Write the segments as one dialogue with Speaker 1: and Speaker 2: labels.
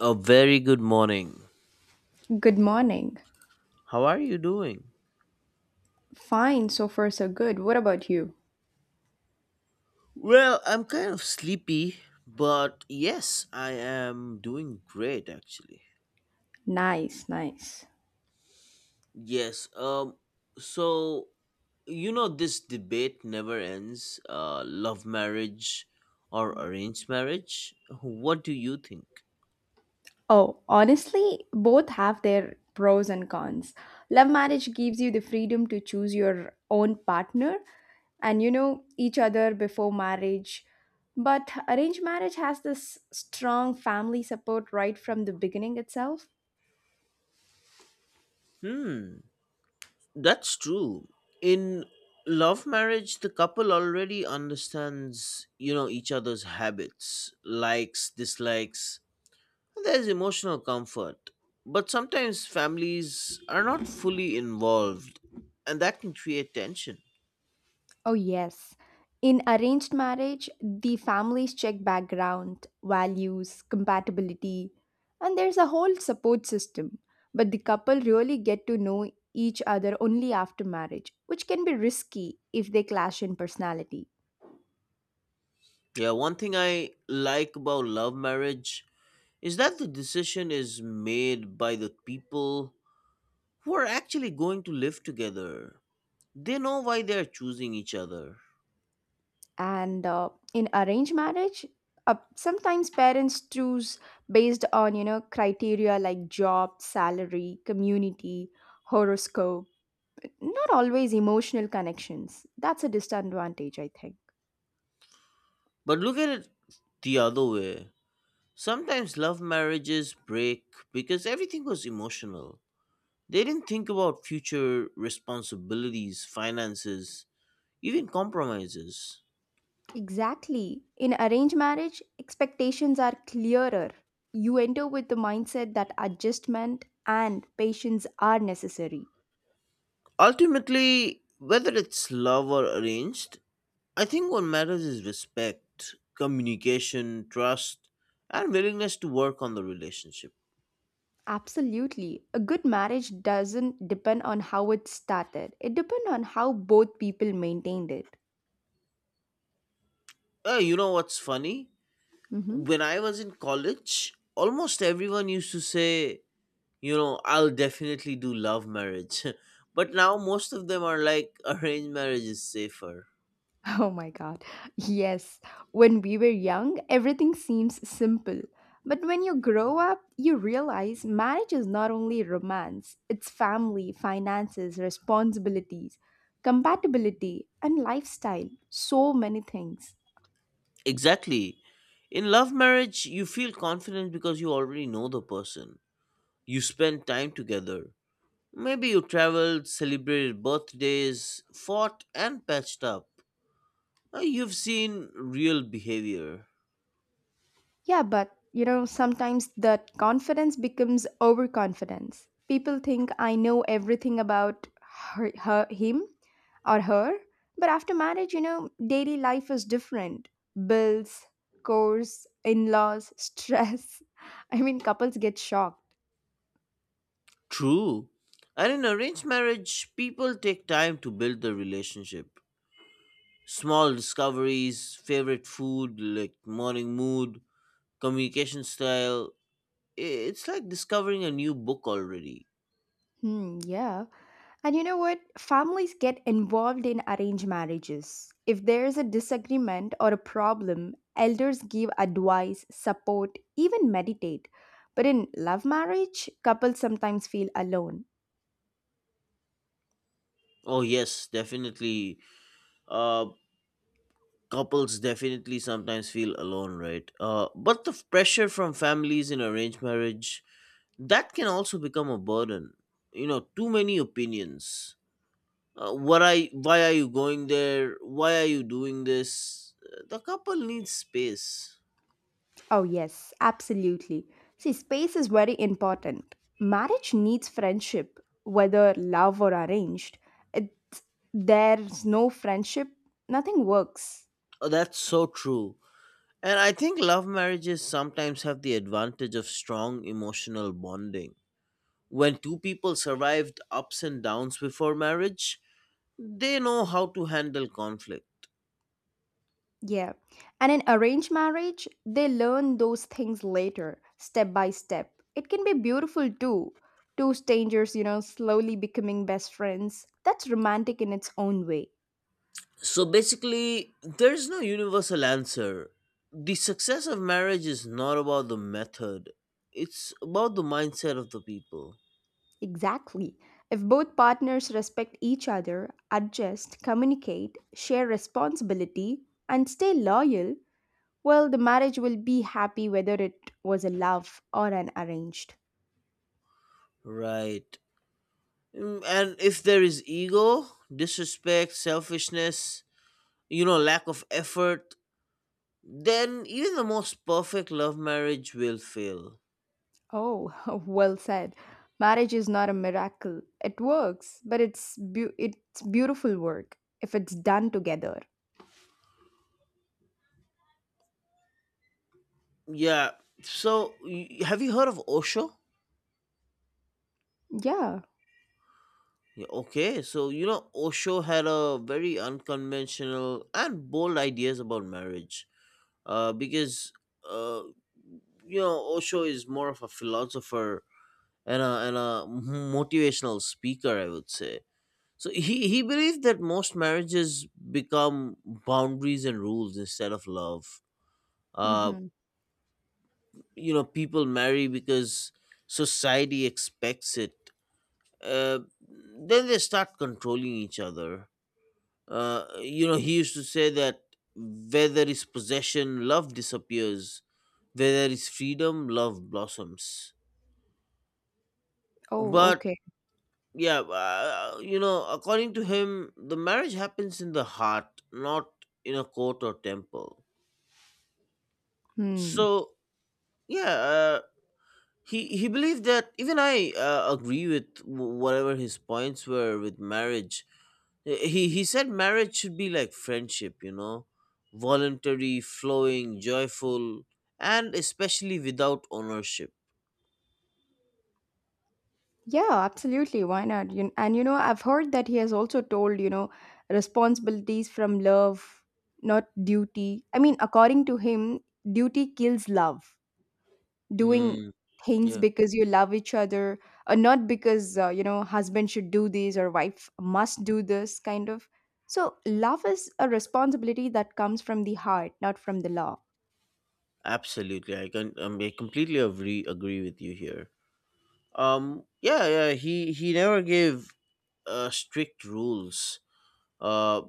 Speaker 1: A very good morning.
Speaker 2: Good morning.
Speaker 1: How are you doing?
Speaker 2: Fine, so far so good. What about you?
Speaker 1: Well, I'm kind of sleepy, but yes, I am doing great actually.
Speaker 2: Nice, nice.
Speaker 1: Yes, so this debate never ends, love marriage or arranged marriage? What do you think?
Speaker 2: Oh, honestly, both have their pros and cons. Love marriage gives you the freedom to choose your own partner and you know each other before marriage. But arranged marriage has this strong family support right from the beginning itself.
Speaker 1: Hmm, that's true. In love marriage, the couple already understands each other's habits, likes, dislikes, there's emotional comfort, but sometimes families are not fully involved, and that can create tension.
Speaker 2: Oh, yes. In arranged marriage, the families check background, values, compatibility, and there's a whole support system. But the couple really get to know each other only after marriage, which can be risky if they clash in personality.
Speaker 1: Yeah, one thing I like about love marriage is that the decision is made by the people who are actually going to live together. They know why they're choosing each other.
Speaker 2: And in arranged marriage, sometimes parents choose based on criteria like job, salary, community, horoscope. Not always emotional connections. That's a disadvantage, I think.
Speaker 1: But look at it the other way. Sometimes love marriages break because everything was emotional. They didn't think about future responsibilities, finances, even compromises.
Speaker 2: Exactly. In arranged marriage, expectations are clearer. You enter with the mindset that adjustment and patience are necessary.
Speaker 1: Ultimately, whether it's love or arranged, I think what matters is respect, communication, trust, and willingness to work on the relationship.
Speaker 2: Absolutely. A good marriage doesn't depend on how it started, it depends on how both people maintained it.
Speaker 1: You know what's funny?
Speaker 2: Mhm.
Speaker 1: When I was in college, almost everyone used to say I'll definitely do love marriage. But now most of them are like, arranged marriage is safer.
Speaker 2: Oh my god. Yes, when we were young, everything seems simple. But when you grow up, you realize marriage is not only romance, it's family, finances, responsibilities, compatibility, and lifestyle. So many things.
Speaker 1: Exactly. In love marriage, you feel confident because you already know the person. You spend time together. Maybe you traveled, celebrated birthdays, fought, and patched up. You've seen real behavior.
Speaker 2: Yeah, but sometimes that confidence becomes overconfidence. People think I know everything about her him or her, but after marriage, daily life is different. Bills, chores, in-laws, stress. I mean, couples get shocked.
Speaker 1: True. And in arranged marriage, people take time to build the relationship. Small discoveries, favorite food, like morning mood, communication style. It's like discovering a new book already.
Speaker 2: Hmm, yeah. And you know what? Families get involved in arranged marriages. If there is a disagreement or a problem, elders give advice, support, even meditate. But in love marriage, couples sometimes feel alone.
Speaker 1: Oh yes, definitely. Uh, Couples definitely sometimes feel alone, right? But the pressure from families in arranged marriage, that can also become a burden. You know, too many opinions. What I why are you going there? Why are you doing this? The couple needs space.
Speaker 2: Oh, yes, absolutely. See, space is very important. Marriage needs friendship, whether love or arranged. It's, there's no friendship, nothing works.
Speaker 1: Oh, that's so true. And I think love marriages sometimes have the advantage of strong emotional bonding. When two people survived ups and downs before marriage, they know how to handle conflict.
Speaker 2: Yeah. And in arranged marriage, they learn those things later, step by step. It can be beautiful too. Two strangers, slowly becoming best friends. That's romantic in its own way.
Speaker 1: So basically, there's no universal answer. The success of marriage is not about the method, it's about the mindset of the people.
Speaker 2: Exactly. If both partners respect each other, adjust, communicate, share responsibility, and stay loyal, well, the marriage will be happy whether it was a love or an arranged.
Speaker 1: Right. And if there is ego, disrespect, selfishness lack of effort, then even the most perfect love marriage will fail.
Speaker 2: Oh, well said. Marriage is not a miracle. It works, but it's beautiful work if it's done together.
Speaker 1: Yeah. So, have you heard of Osho?
Speaker 2: Yeah.
Speaker 1: Yeah, okay, so Osho had a very unconventional and bold ideas about marriage. Because uh, Osho is more of a philosopher and a motivational speaker, I would say. So he believed that most marriages become boundaries and rules instead of love. Uh,
Speaker 2: Hmm.
Speaker 1: People marry because society expects it. Uh, then they start controlling each other. He used to say that where there is possession, love disappears. Where there is freedom, love blossoms.
Speaker 2: Oh,
Speaker 1: But
Speaker 2: okay.
Speaker 1: yeah, according to him, the marriage happens in the heart, not in a court or temple.
Speaker 2: Hmm.
Speaker 1: So yeah, he believed that even I agree with whatever his points were with marriage. He said marriage should be like friendship voluntary, flowing, joyful, and especially without ownership.
Speaker 2: Yeah, absolutely. Why not? And I've heard that he has also told, responsibilities from love, not duty. I mean, according to him, duty kills love. Doing
Speaker 1: Mm,
Speaker 2: things
Speaker 1: yeah,
Speaker 2: because you love each other, or not because, husband should do this or wife must do this kind of. So, love is a responsibility that comes from the heart, not from the law.
Speaker 1: absolutely. I completely agree with you here. Yeah, yeah. He never gave strict rules. Uh,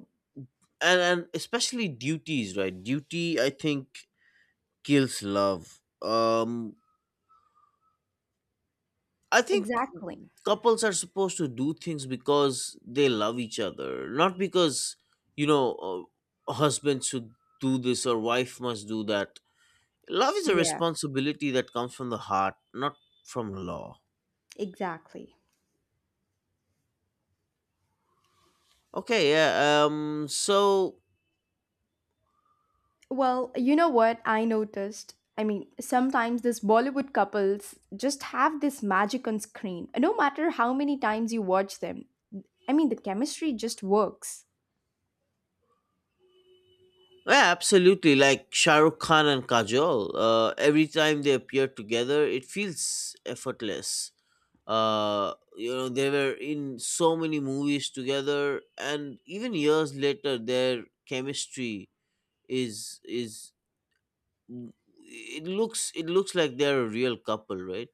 Speaker 1: and especially duties, right? Duty, I think, kills love. I think
Speaker 2: Exactly.
Speaker 1: couples are supposed to do things because they love each other, not because you know a husband should do this or wife must do that. Love is a
Speaker 2: Yeah,
Speaker 1: responsibility that comes from the heart, not from law.
Speaker 2: exactly.
Speaker 1: Okay, yeah. So,
Speaker 2: Well, you know what I noticed? I mean, sometimes these Bollywood couples just have this magic on screen, no matter how many times you watch them. I mean, the chemistry just works.
Speaker 1: yeah, absolutely, like Shahrukh Khan and Kajol, every time they appear together it feels effortless. They were in so many movies together, and even years later their chemistry is it looks like they're a real couple, right?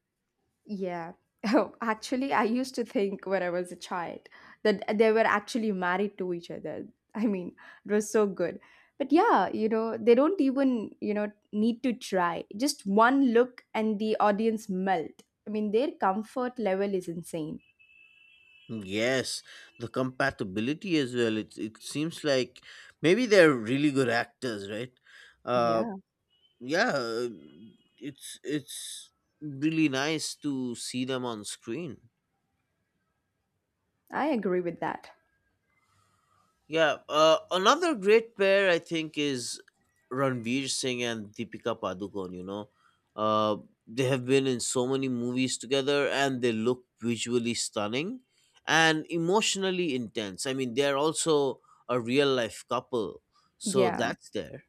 Speaker 2: Yeah. Oh, actually, I used to think when I was a child that they were actually married to each other. I mean, it was so good. But yeah, they don't even, need to try. Just one look and the audience melt. I mean, their comfort level is insane.
Speaker 1: Yes, the compatibility as well, it seems like maybe they're really good actors, right? uh
Speaker 2: Yeah.
Speaker 1: yeah, it's really nice to see them on screen.
Speaker 2: I agree with that.
Speaker 1: Yeah, another great pair I think is Ranveer Singh and Deepika Padukone. Uh, they have been in so many movies together, and they look visually stunning and emotionally intense. I mean, they're also a real life couple, so
Speaker 2: Yeah.
Speaker 1: that's there.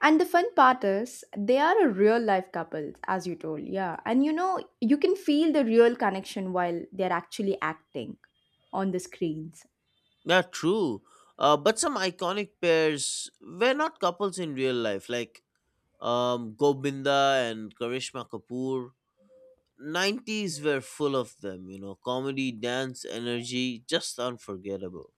Speaker 2: And the fun part is they are a real life couple, as you told. Yeah. And you can feel the real connection while they're actually acting on the screens.
Speaker 1: Yeah, true. But some iconic pairs were not couples in real life, like Gobinda and Karishma Kapoor. 90s were full of them comedy, dance, energy, just unforgettable.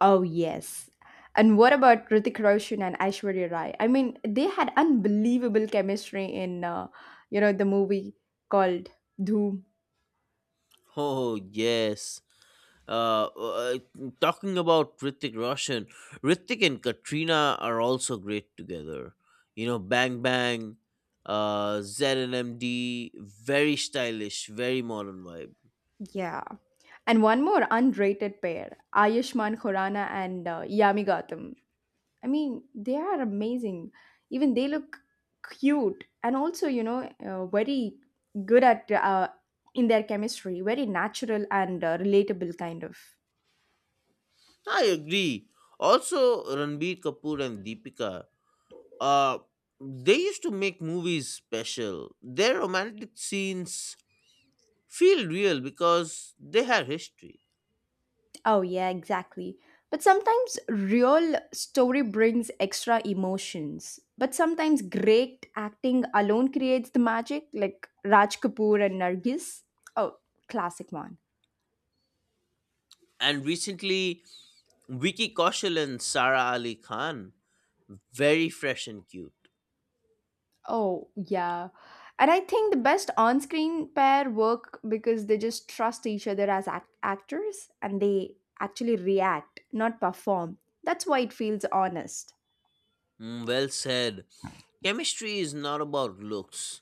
Speaker 2: Oh, yes. And what about Hrithik Roshan and Aishwarya Rai? I mean, they had unbelievable chemistry in, the movie called Doom.
Speaker 1: Oh, yes. Uh, uh, talking about Ritik Roshan, Ritik and Katrina are also great together. Bang Bang, ZNMD, very stylish, very modern vibe.
Speaker 2: Yeah. And one more underrated pair, Ayushmann Khurana and Yami Gautam. I mean, they are amazing. Even they look cute and also, very good at in their chemistry, very natural and relatable kind of.
Speaker 1: I agree. Also, Ranbir Kapoor and Deepika. Uh, they used to make movies special. Their romantic scenes feel real because they have history.
Speaker 2: Oh, yeah, exactly. But sometimes real story brings extra emotions. But sometimes great acting alone creates the magic, like Raj Kapoor and Nargis. Oh, classic one.
Speaker 1: And recently, Vicky Kaushal and Sara Ali Khan, very fresh and cute.
Speaker 2: Oh, yeah. And I think the best on screen pair work because they just trust each other as actors and they actually react, not perform. That's why it feels honest.
Speaker 1: Mm, well said. Chemistry is not about looks,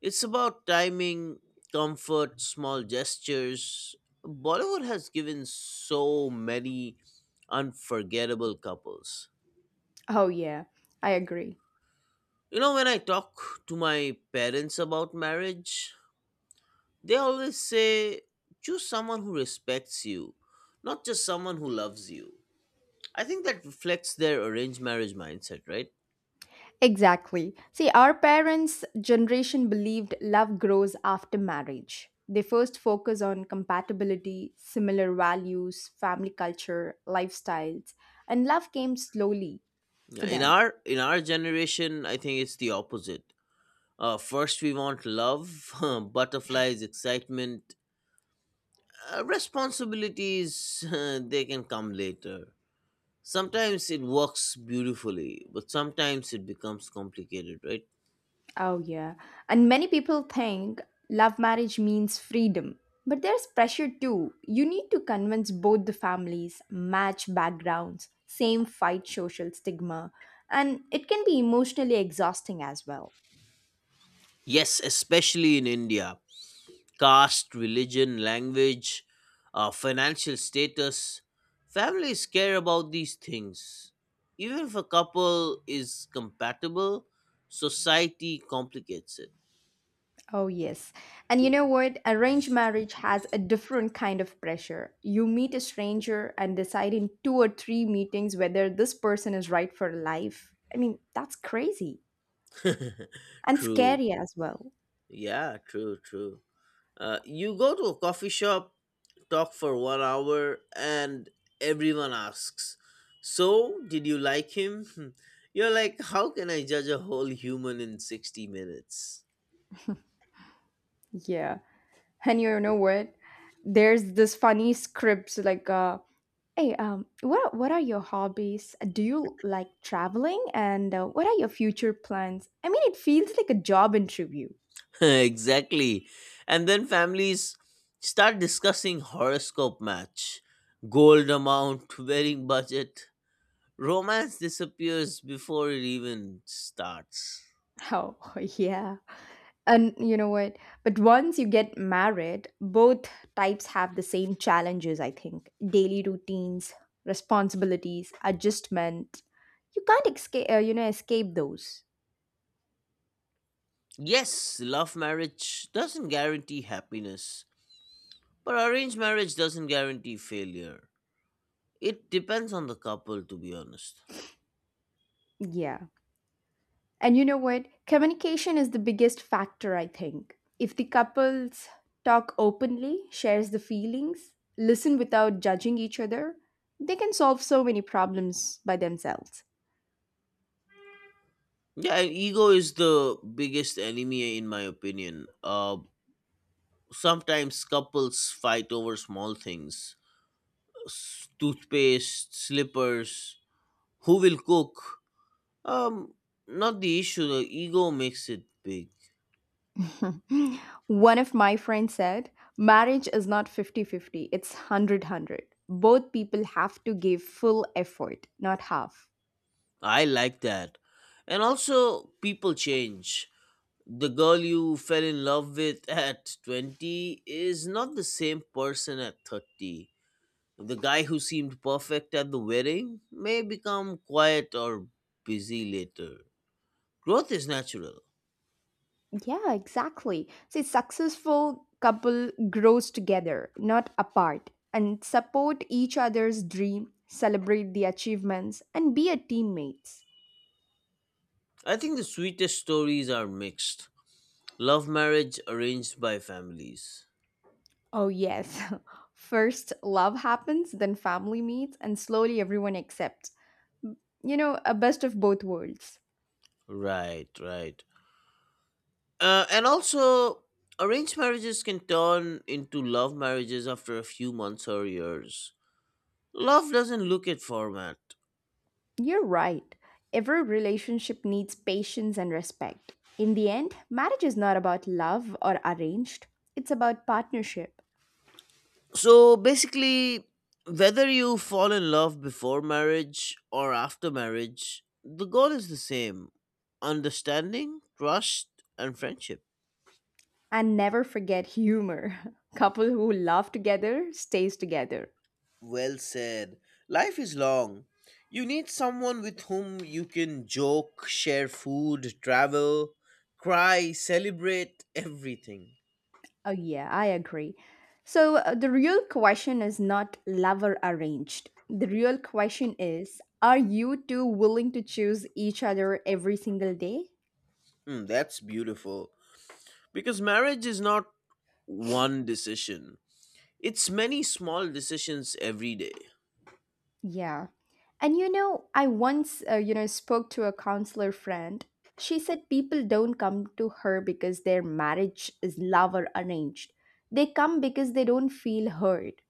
Speaker 1: it's about timing, comfort, small gestures. Bollywood has given so many unforgettable couples.
Speaker 2: Oh, yeah. I agree.
Speaker 1: When I talk to my parents about marriage, they always say choose someone who respects you, not just someone who loves you. I think that reflects their arranged marriage mindset, right?
Speaker 2: Exactly. See, our parents' generation believed love grows after marriage. They first focus on compatibility, similar values, family culture, lifestyles, and love came slowly for
Speaker 1: In
Speaker 2: them.
Speaker 1: our in our generation, I think it's the opposite. First, we want love, butterflies, excitement, responsibilities. They can come later. Sometimes it works beautifully, but sometimes it becomes complicated, right?
Speaker 2: Oh, yeah. And many people think love marriage means freedom. But there's pressure too. You need to convince both the families, match backgrounds, same fight social stigma. And it can be emotionally exhausting as well.
Speaker 1: Yes, especially in India, caste, religion, language, financial status. Families care about these things. Even if a couple is compatible, society complicates it.
Speaker 2: Oh, yes. And you know what? Arranged marriage has a different kind of pressure. You meet a stranger and decide in two or three meetings whether this person is right for life. I mean, that's crazy and
Speaker 1: True.
Speaker 2: scary as well.
Speaker 1: Yeah, true, true. You go to a coffee shop, talk for one hour, and everyone asks, "So, did you like him?" You're like, "How can I judge a whole human in 60 minutes?"
Speaker 2: Yeah. And you know what? There's this funny scripts like, "Hey, what are your hobbies? Do you like traveling? And what are your future plans?" I mean, it feels like a job interview.
Speaker 1: Exactly. And then families start discussing horoscope match, gold amount, wedding budget. Romance disappears before it even starts.
Speaker 2: Oh yeah. And you know what? But once you get married, both types have the same challenges, I think. Daily routines, responsibilities, adjustment. You can't escape those.
Speaker 1: Yes, love marriage doesn't guarantee happiness, but arranged marriage doesn't guarantee failure. It depends on the couple, to be honest.
Speaker 2: Yeah. And you know what? Communication is the biggest factor, I think. If the couples talk openly, shares the feelings, listen without judging each other, they can solve so many problems by themselves.
Speaker 1: Yeah, and ego is the biggest enemy, in my opinion. Sometimes couples fight over small things, toothpaste, slippers. Who will cook? Um, not the issue. The ego makes it big.
Speaker 2: One of my friends said, marriage is not 50-50; it's hundred-hundred. Both people have to give full effort, not half.
Speaker 1: I like that. And also, people change. The girl you fell in love with at 20 is not the same person at 30. The guy who seemed perfect at the wedding may become quiet or busy later. Growth is natural.
Speaker 2: Yeah, exactly. See, successful couple grows together, not apart, and support each other's dream, celebrate the achievements, and be a teammates.
Speaker 1: I think the sweetest stories are mixed. Love marriage arranged by families.
Speaker 2: Oh, yes. First, love happens, then family meets, and slowly everyone accepts. You know, a best of both worlds.
Speaker 1: Right, right. And also, arranged marriages can turn into love marriages after a few months or years. Love doesn't look at format.
Speaker 2: You're right. Every relationship needs patience and respect. In the end, marriage is not about love or arranged, it's about partnership.
Speaker 1: So basically, whether you fall in love before marriage or after marriage, the goal is the same: understanding, trust, and friendship.
Speaker 2: And never forget humor. Couple who laugh together stays together.
Speaker 1: Well said. Life is long. You need someone with whom you can joke, share food, travel, cry, celebrate everything.
Speaker 2: Oh yeah, I agree. So the real question is not love or arranged. The real question is are you two willing to choose each other every single day?
Speaker 1: Hmm, that's beautiful. Because marriage is not one decision, it's many small decisions every day.
Speaker 2: Yeah. And I once, spoke to a counselor friend. She said people don't come to her because their marriage is love or arranged. They come because they don't feel heard.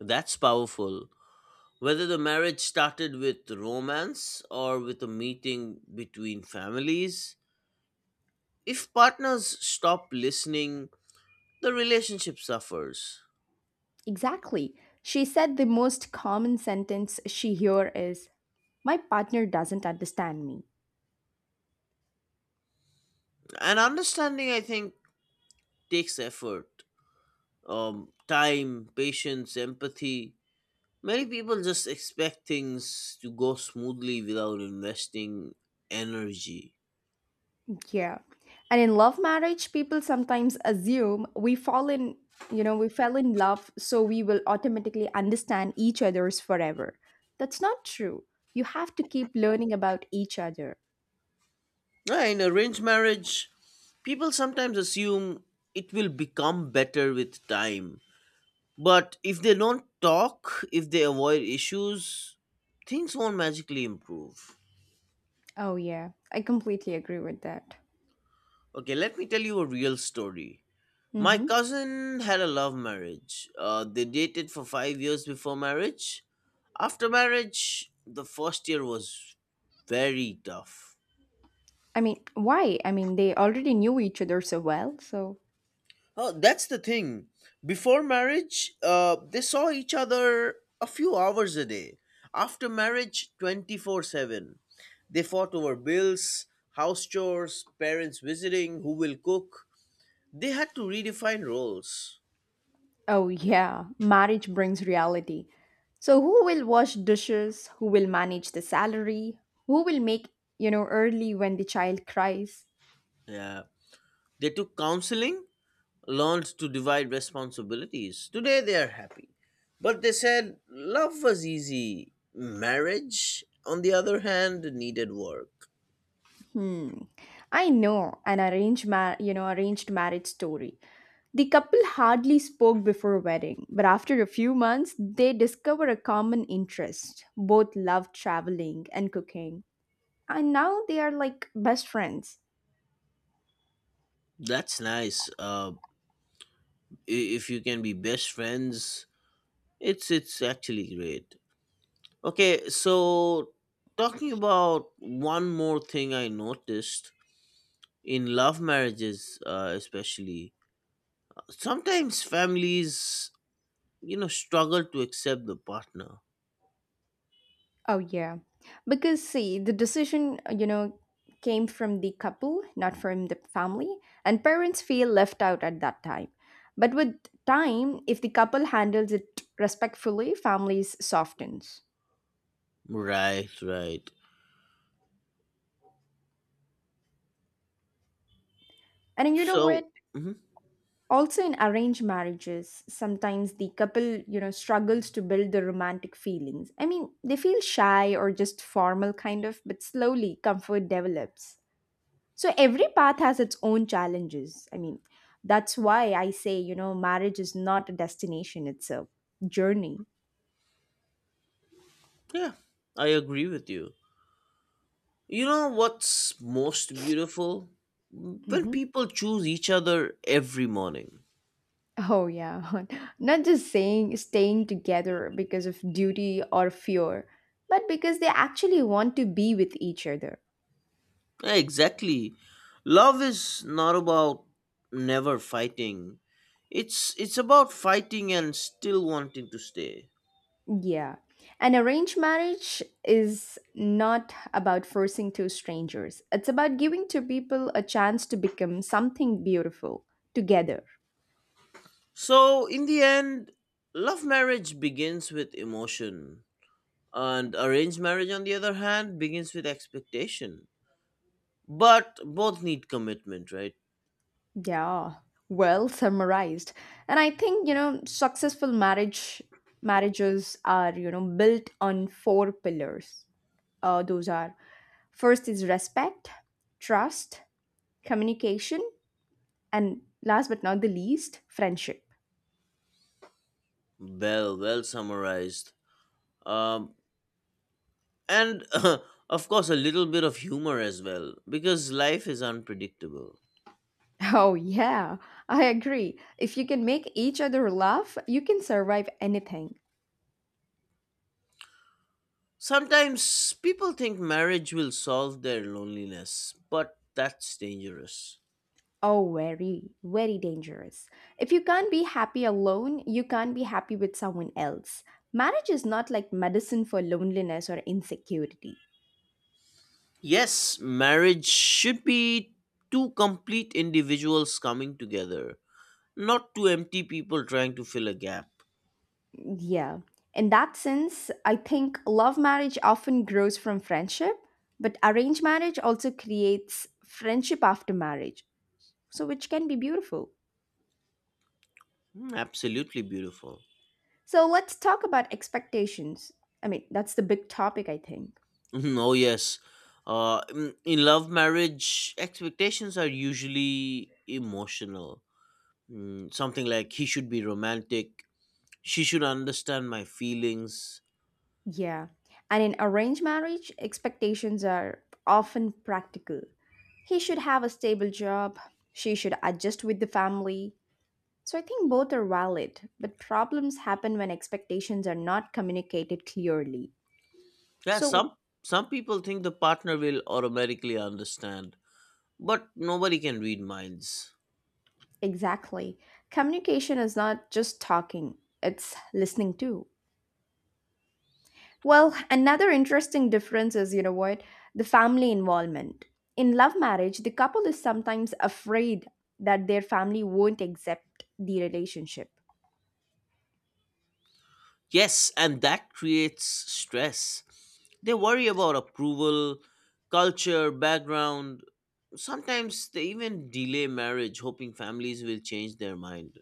Speaker 1: That's powerful. Whether the marriage started with romance or with a meeting between families, if partners stop listening, the relationship suffers.
Speaker 2: Exactly. She said the most common sentence she hear is, "My partner doesn't understand me."
Speaker 1: And understanding, I think, takes effort, time, patience, empathy. Many people just expect things to go smoothly without investing energy.
Speaker 2: Yeah. And in love marriage, people sometimes assume we fall in, you know, we fell in love, so we will automatically understand each other's forever. That's not true. You have to keep learning about each other.
Speaker 1: Yeah, in arranged marriage, people sometimes assume it will become better with time. But if they don't talk, if they avoid issues, things won't magically improve.
Speaker 2: Oh, yeah. I completely agree with that.
Speaker 1: Okay, let me tell you a real story. My
Speaker 2: Mm-hmm.
Speaker 1: cousin had a love marriage. They dated for 5 years before marriage. After marriage, the first year was very tough.
Speaker 2: I mean, why? I mean, they already knew each other so well, so.
Speaker 1: Oh, that's the thing. Before marriage, they saw each other a few hours a day. After marriage, 24/7. They fought over bills, house chores, parents visiting, who will cook. They had to redefine roles.
Speaker 2: Oh, yeah. Marriage brings reality. So, who will wash dishes? Who will manage the salary? Who will make, early when the child cries?
Speaker 1: Yeah. They took counseling, learned to divide responsibilities. Today they are happy. But they said love was easy. Marriage, on the other hand, needed work.
Speaker 2: Hmm. I know an arranged marriage story. The couple hardly spoke before wedding, but after a few months they discover a common interest. Both love traveling and cooking. And now they are like best friends.
Speaker 1: That's nice. If you can be best friends, it's actually great. Okay, so talking about one more thing I noticed in love marriages, especially sometimes families struggle to accept the partner.
Speaker 2: Oh yeah. Because see, the decision, came from the couple, not from the family, and parents feel left out at that time. But with time, if the couple handles it respectfully, families softens.
Speaker 1: Right, right.
Speaker 2: And you know what?
Speaker 1: So, mhm,
Speaker 2: Also in arranged marriages, sometimes the couple, struggles to build the romantic feelings. I mean, they feel shy or just formal kind of, but slowly comfort develops. So every path has its own challenges. I mean, that's why I say, marriage is not a destination, it's a journey.
Speaker 1: yeah, I agree with you. You know what's most beautiful? When
Speaker 2: Hmm.
Speaker 1: people choose each other every morning.
Speaker 2: Oh, yeah. Not just saying staying together because of duty or fear, but because they actually want to be with each other.
Speaker 1: Yeah, exactly. Love is not about never fighting. It's about fighting and still wanting to stay.
Speaker 2: Yeah. An arranged marriage is not about forcing two strangers. It's about giving two people a chance to become something beautiful together.
Speaker 1: So, in the end, love marriage begins with emotion, and arranged marriage on the other hand begins with expectation. But both need commitment, right?
Speaker 2: Yeah. Well summarized. And I think, successful marriages are, built on four pillars. Those are first is respect, trust, communication, and last but not the least, friendship.
Speaker 1: Well, well summarized. Um, and of course, a little bit of humor as well, because life is unpredictable.
Speaker 2: Oh, yeah, I agree. If you can make each other laugh, you can survive anything.
Speaker 1: Sometimes people think marriage will solve their loneliness, but that's dangerous.
Speaker 2: Oh, very, very dangerous. If you can't be happy alone, you can't be happy with someone else. Marriage is not like medicine for loneliness or insecurity.
Speaker 1: Yes, marriage should be two complete individuals coming together, not two empty people trying to fill a gap.
Speaker 2: Yeah. In that sense, I think love marriage often grows from friendship, but arranged marriage also creates friendship after marriage, so which can be beautiful.
Speaker 1: Mm, absolutely beautiful.
Speaker 2: So let's talk about expectations. I mean, that's the big topic, I think.
Speaker 1: Mhm, oh yes. In love marriage, expectations are usually emotional. Something like he should be romantic, she should understand my feelings.
Speaker 2: Yeah. And in arranged marriage, expectations are often practical. He should have a stable job, she should adjust with the family. So I think both are valid, but problems happen when expectations are not communicated clearly.
Speaker 1: Yeah,
Speaker 2: So,
Speaker 1: some people think the partner will automatically understand, but nobody can read minds.
Speaker 2: exactly. Communication is not just talking, it's listening too. Well, another interesting difference is, you know what, the family involvement. In love marriage, the couple is sometimes afraid that their family won't accept the relationship.
Speaker 1: Yes, and that creates stress. They worry about approval, culture, background. Sometimes they even delay marriage, hoping families will change their mind.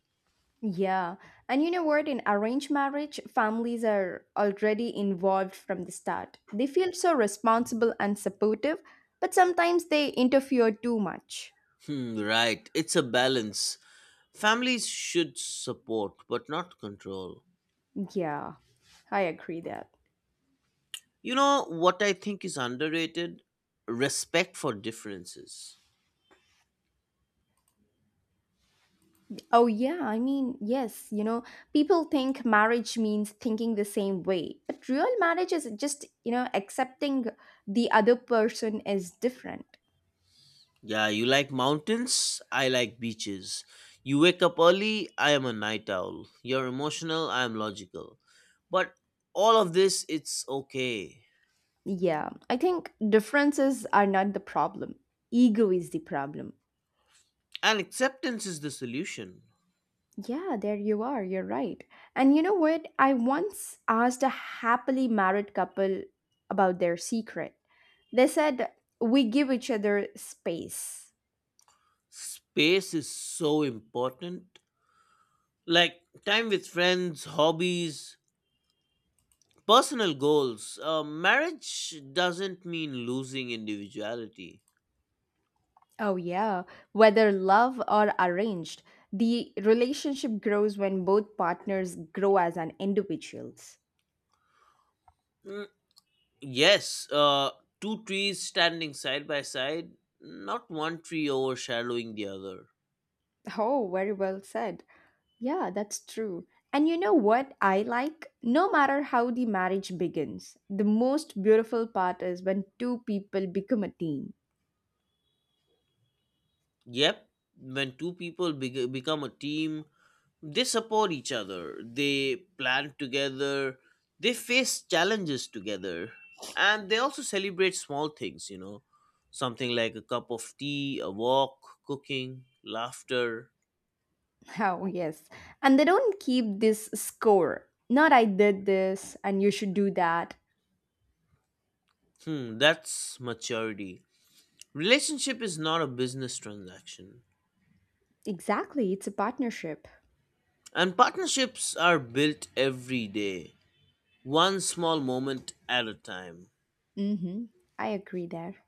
Speaker 2: Yeah. And you know what, in arranged marriage, families are already involved from the start. They feel so responsible and supportive, but sometimes they interfere too much.
Speaker 1: Hmm, right. It's a balance. Families should support, but not control.
Speaker 2: Yeah, I agree there.
Speaker 1: You know what I think is underrated? Respect for differences.
Speaker 2: Oh, yeah, I mean, yes, people think marriage means thinking the same way, but real marriage is just, accepting the other person is different.
Speaker 1: Yeah, you like mountains, I like beaches. You wake up early, I am a night owl. You're emotional, I am logical. But all of this, it's okay.
Speaker 2: Yeah, I think differences are not the problem, ego is the problem.
Speaker 1: And acceptance is the solution.
Speaker 2: Yeah, there you are, you're right. And you know what? I once asked a happily married couple about their secret. They said, We give each other space.
Speaker 1: Space is so important. Like time with friends, hobbies, personal goals. Marriage doesn't mean losing individuality.
Speaker 2: Oh, yeah. Whether love or arranged, the relationship grows when both partners grow as an individuals.
Speaker 1: Mm, yes, two trees standing side by side, not one tree overshadowing the other.
Speaker 2: Oh, very well said. Yeah, that's true. And you know what I like? No matter how the marriage begins, the most beautiful part is when two people become a team.
Speaker 1: Yep, when two people become a team, they support each other, they plan together, they face challenges together, and they also celebrate small things something like a cup of tea, a walk, cooking, laughter.
Speaker 2: Oh, yes. And they don't keep this score. Not I did this and you should do that.
Speaker 1: Hmm, that's maturity. Relationship is not a business transaction.
Speaker 2: Exactly. It's a partnership.
Speaker 1: And partnerships are built every day, one small moment at a time.
Speaker 2: Mm hmm. I agree there.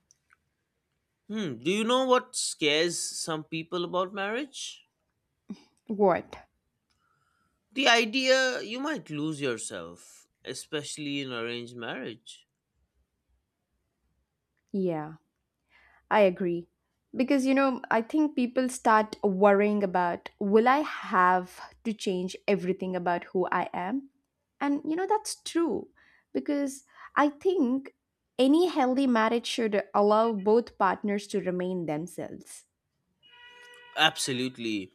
Speaker 1: Hmm, do you know what scares some people about marriage?
Speaker 2: What?
Speaker 1: The idea you might lose yourself, especially in arranged marriage.
Speaker 2: Yeah, I agree. Because, I think people start worrying about will I have to change everything about who I am? And, that's true. Because I think any healthy marriage should allow both partners to remain themselves.
Speaker 1: Absolutely.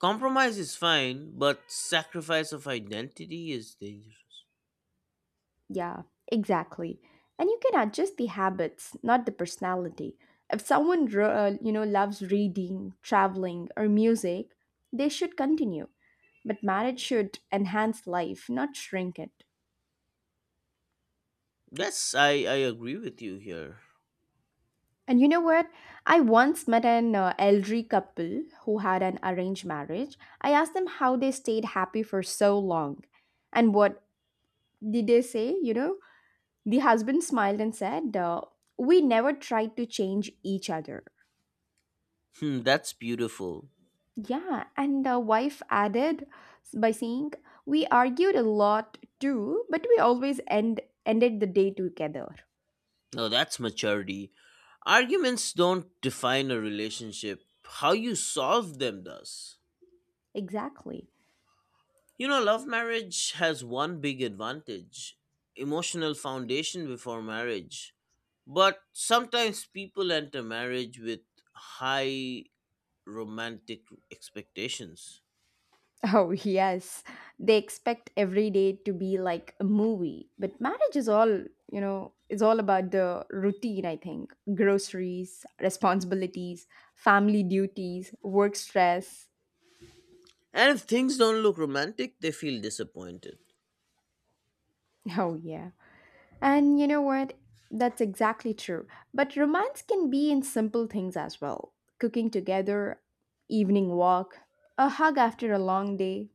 Speaker 1: Compromise is fine, but sacrifice of identity is dangerous.
Speaker 2: Yeah, exactly. And you can adjust the habits, not the personality. If someone, loves reading, traveling, or music, they should continue. But marriage should enhance life, not shrink it.
Speaker 1: Yes, I agree with you here.
Speaker 2: And you know what? I once met an elderly couple who had an arranged marriage. I asked them how they stayed happy for so long. And what did they say? You know, the husband smiled and said, We never tried to change each other.
Speaker 1: Hmm, that's beautiful.
Speaker 2: Yeah, and the wife added by saying, "We argued a lot too, but we always ended the day together."
Speaker 1: No, that's maturity. Arguments don't define a relationship, how you solve them does.
Speaker 2: Exactly.
Speaker 1: Love marriage has one big advantage: emotional foundation before marriage. But sometimes people enter marriage with high romantic expectations.
Speaker 2: Oh, yes. They expect every day to be like a movie. But marriage is all, you know, It's all about the routine, I think. Groceries, responsibilities, family duties, work stress.
Speaker 1: And if things don't look romantic, they feel disappointed.
Speaker 2: Oh, yeah. And you know what? That's exactly true. But romance can be in simple things as well. Cooking together, evening walk, a hug after a long day.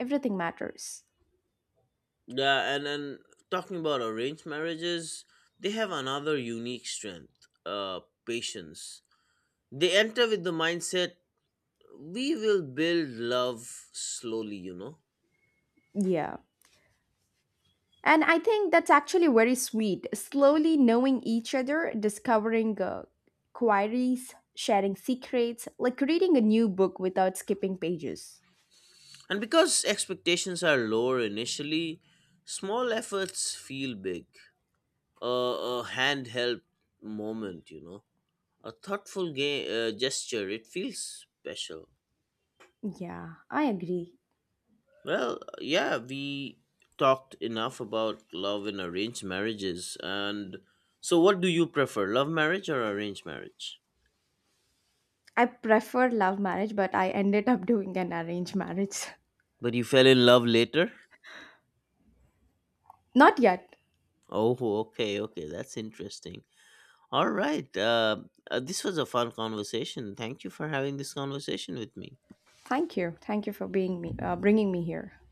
Speaker 2: Everything matters.
Speaker 1: Yeah, and then talking about arranged marriages, they have another unique strength, patience. They enter with the mindset, we will build love slowly.
Speaker 2: Yeah. And I think that's actually very sweet. Slowly knowing each other, discovering queries, sharing secrets, like reading a new book without skipping pages.
Speaker 1: And because expectations are lower initially, small efforts feel big. A handheld moment, a thoughtful gesture, it feels special.
Speaker 2: Yeah, I agree.
Speaker 1: Well, yeah, we talked enough about love in arranged marriages. And so, what do you prefer, love marriage or arranged marriage?
Speaker 2: I prefer love marriage, but I ended up doing an arranged marriage.
Speaker 1: But you fell in love later.
Speaker 2: Not yet.
Speaker 1: Oh, okay, okay. That's interesting. All right. This was a fun conversation. Thank you for having this conversation with me.
Speaker 2: Thank you. Thank you for bringing me here.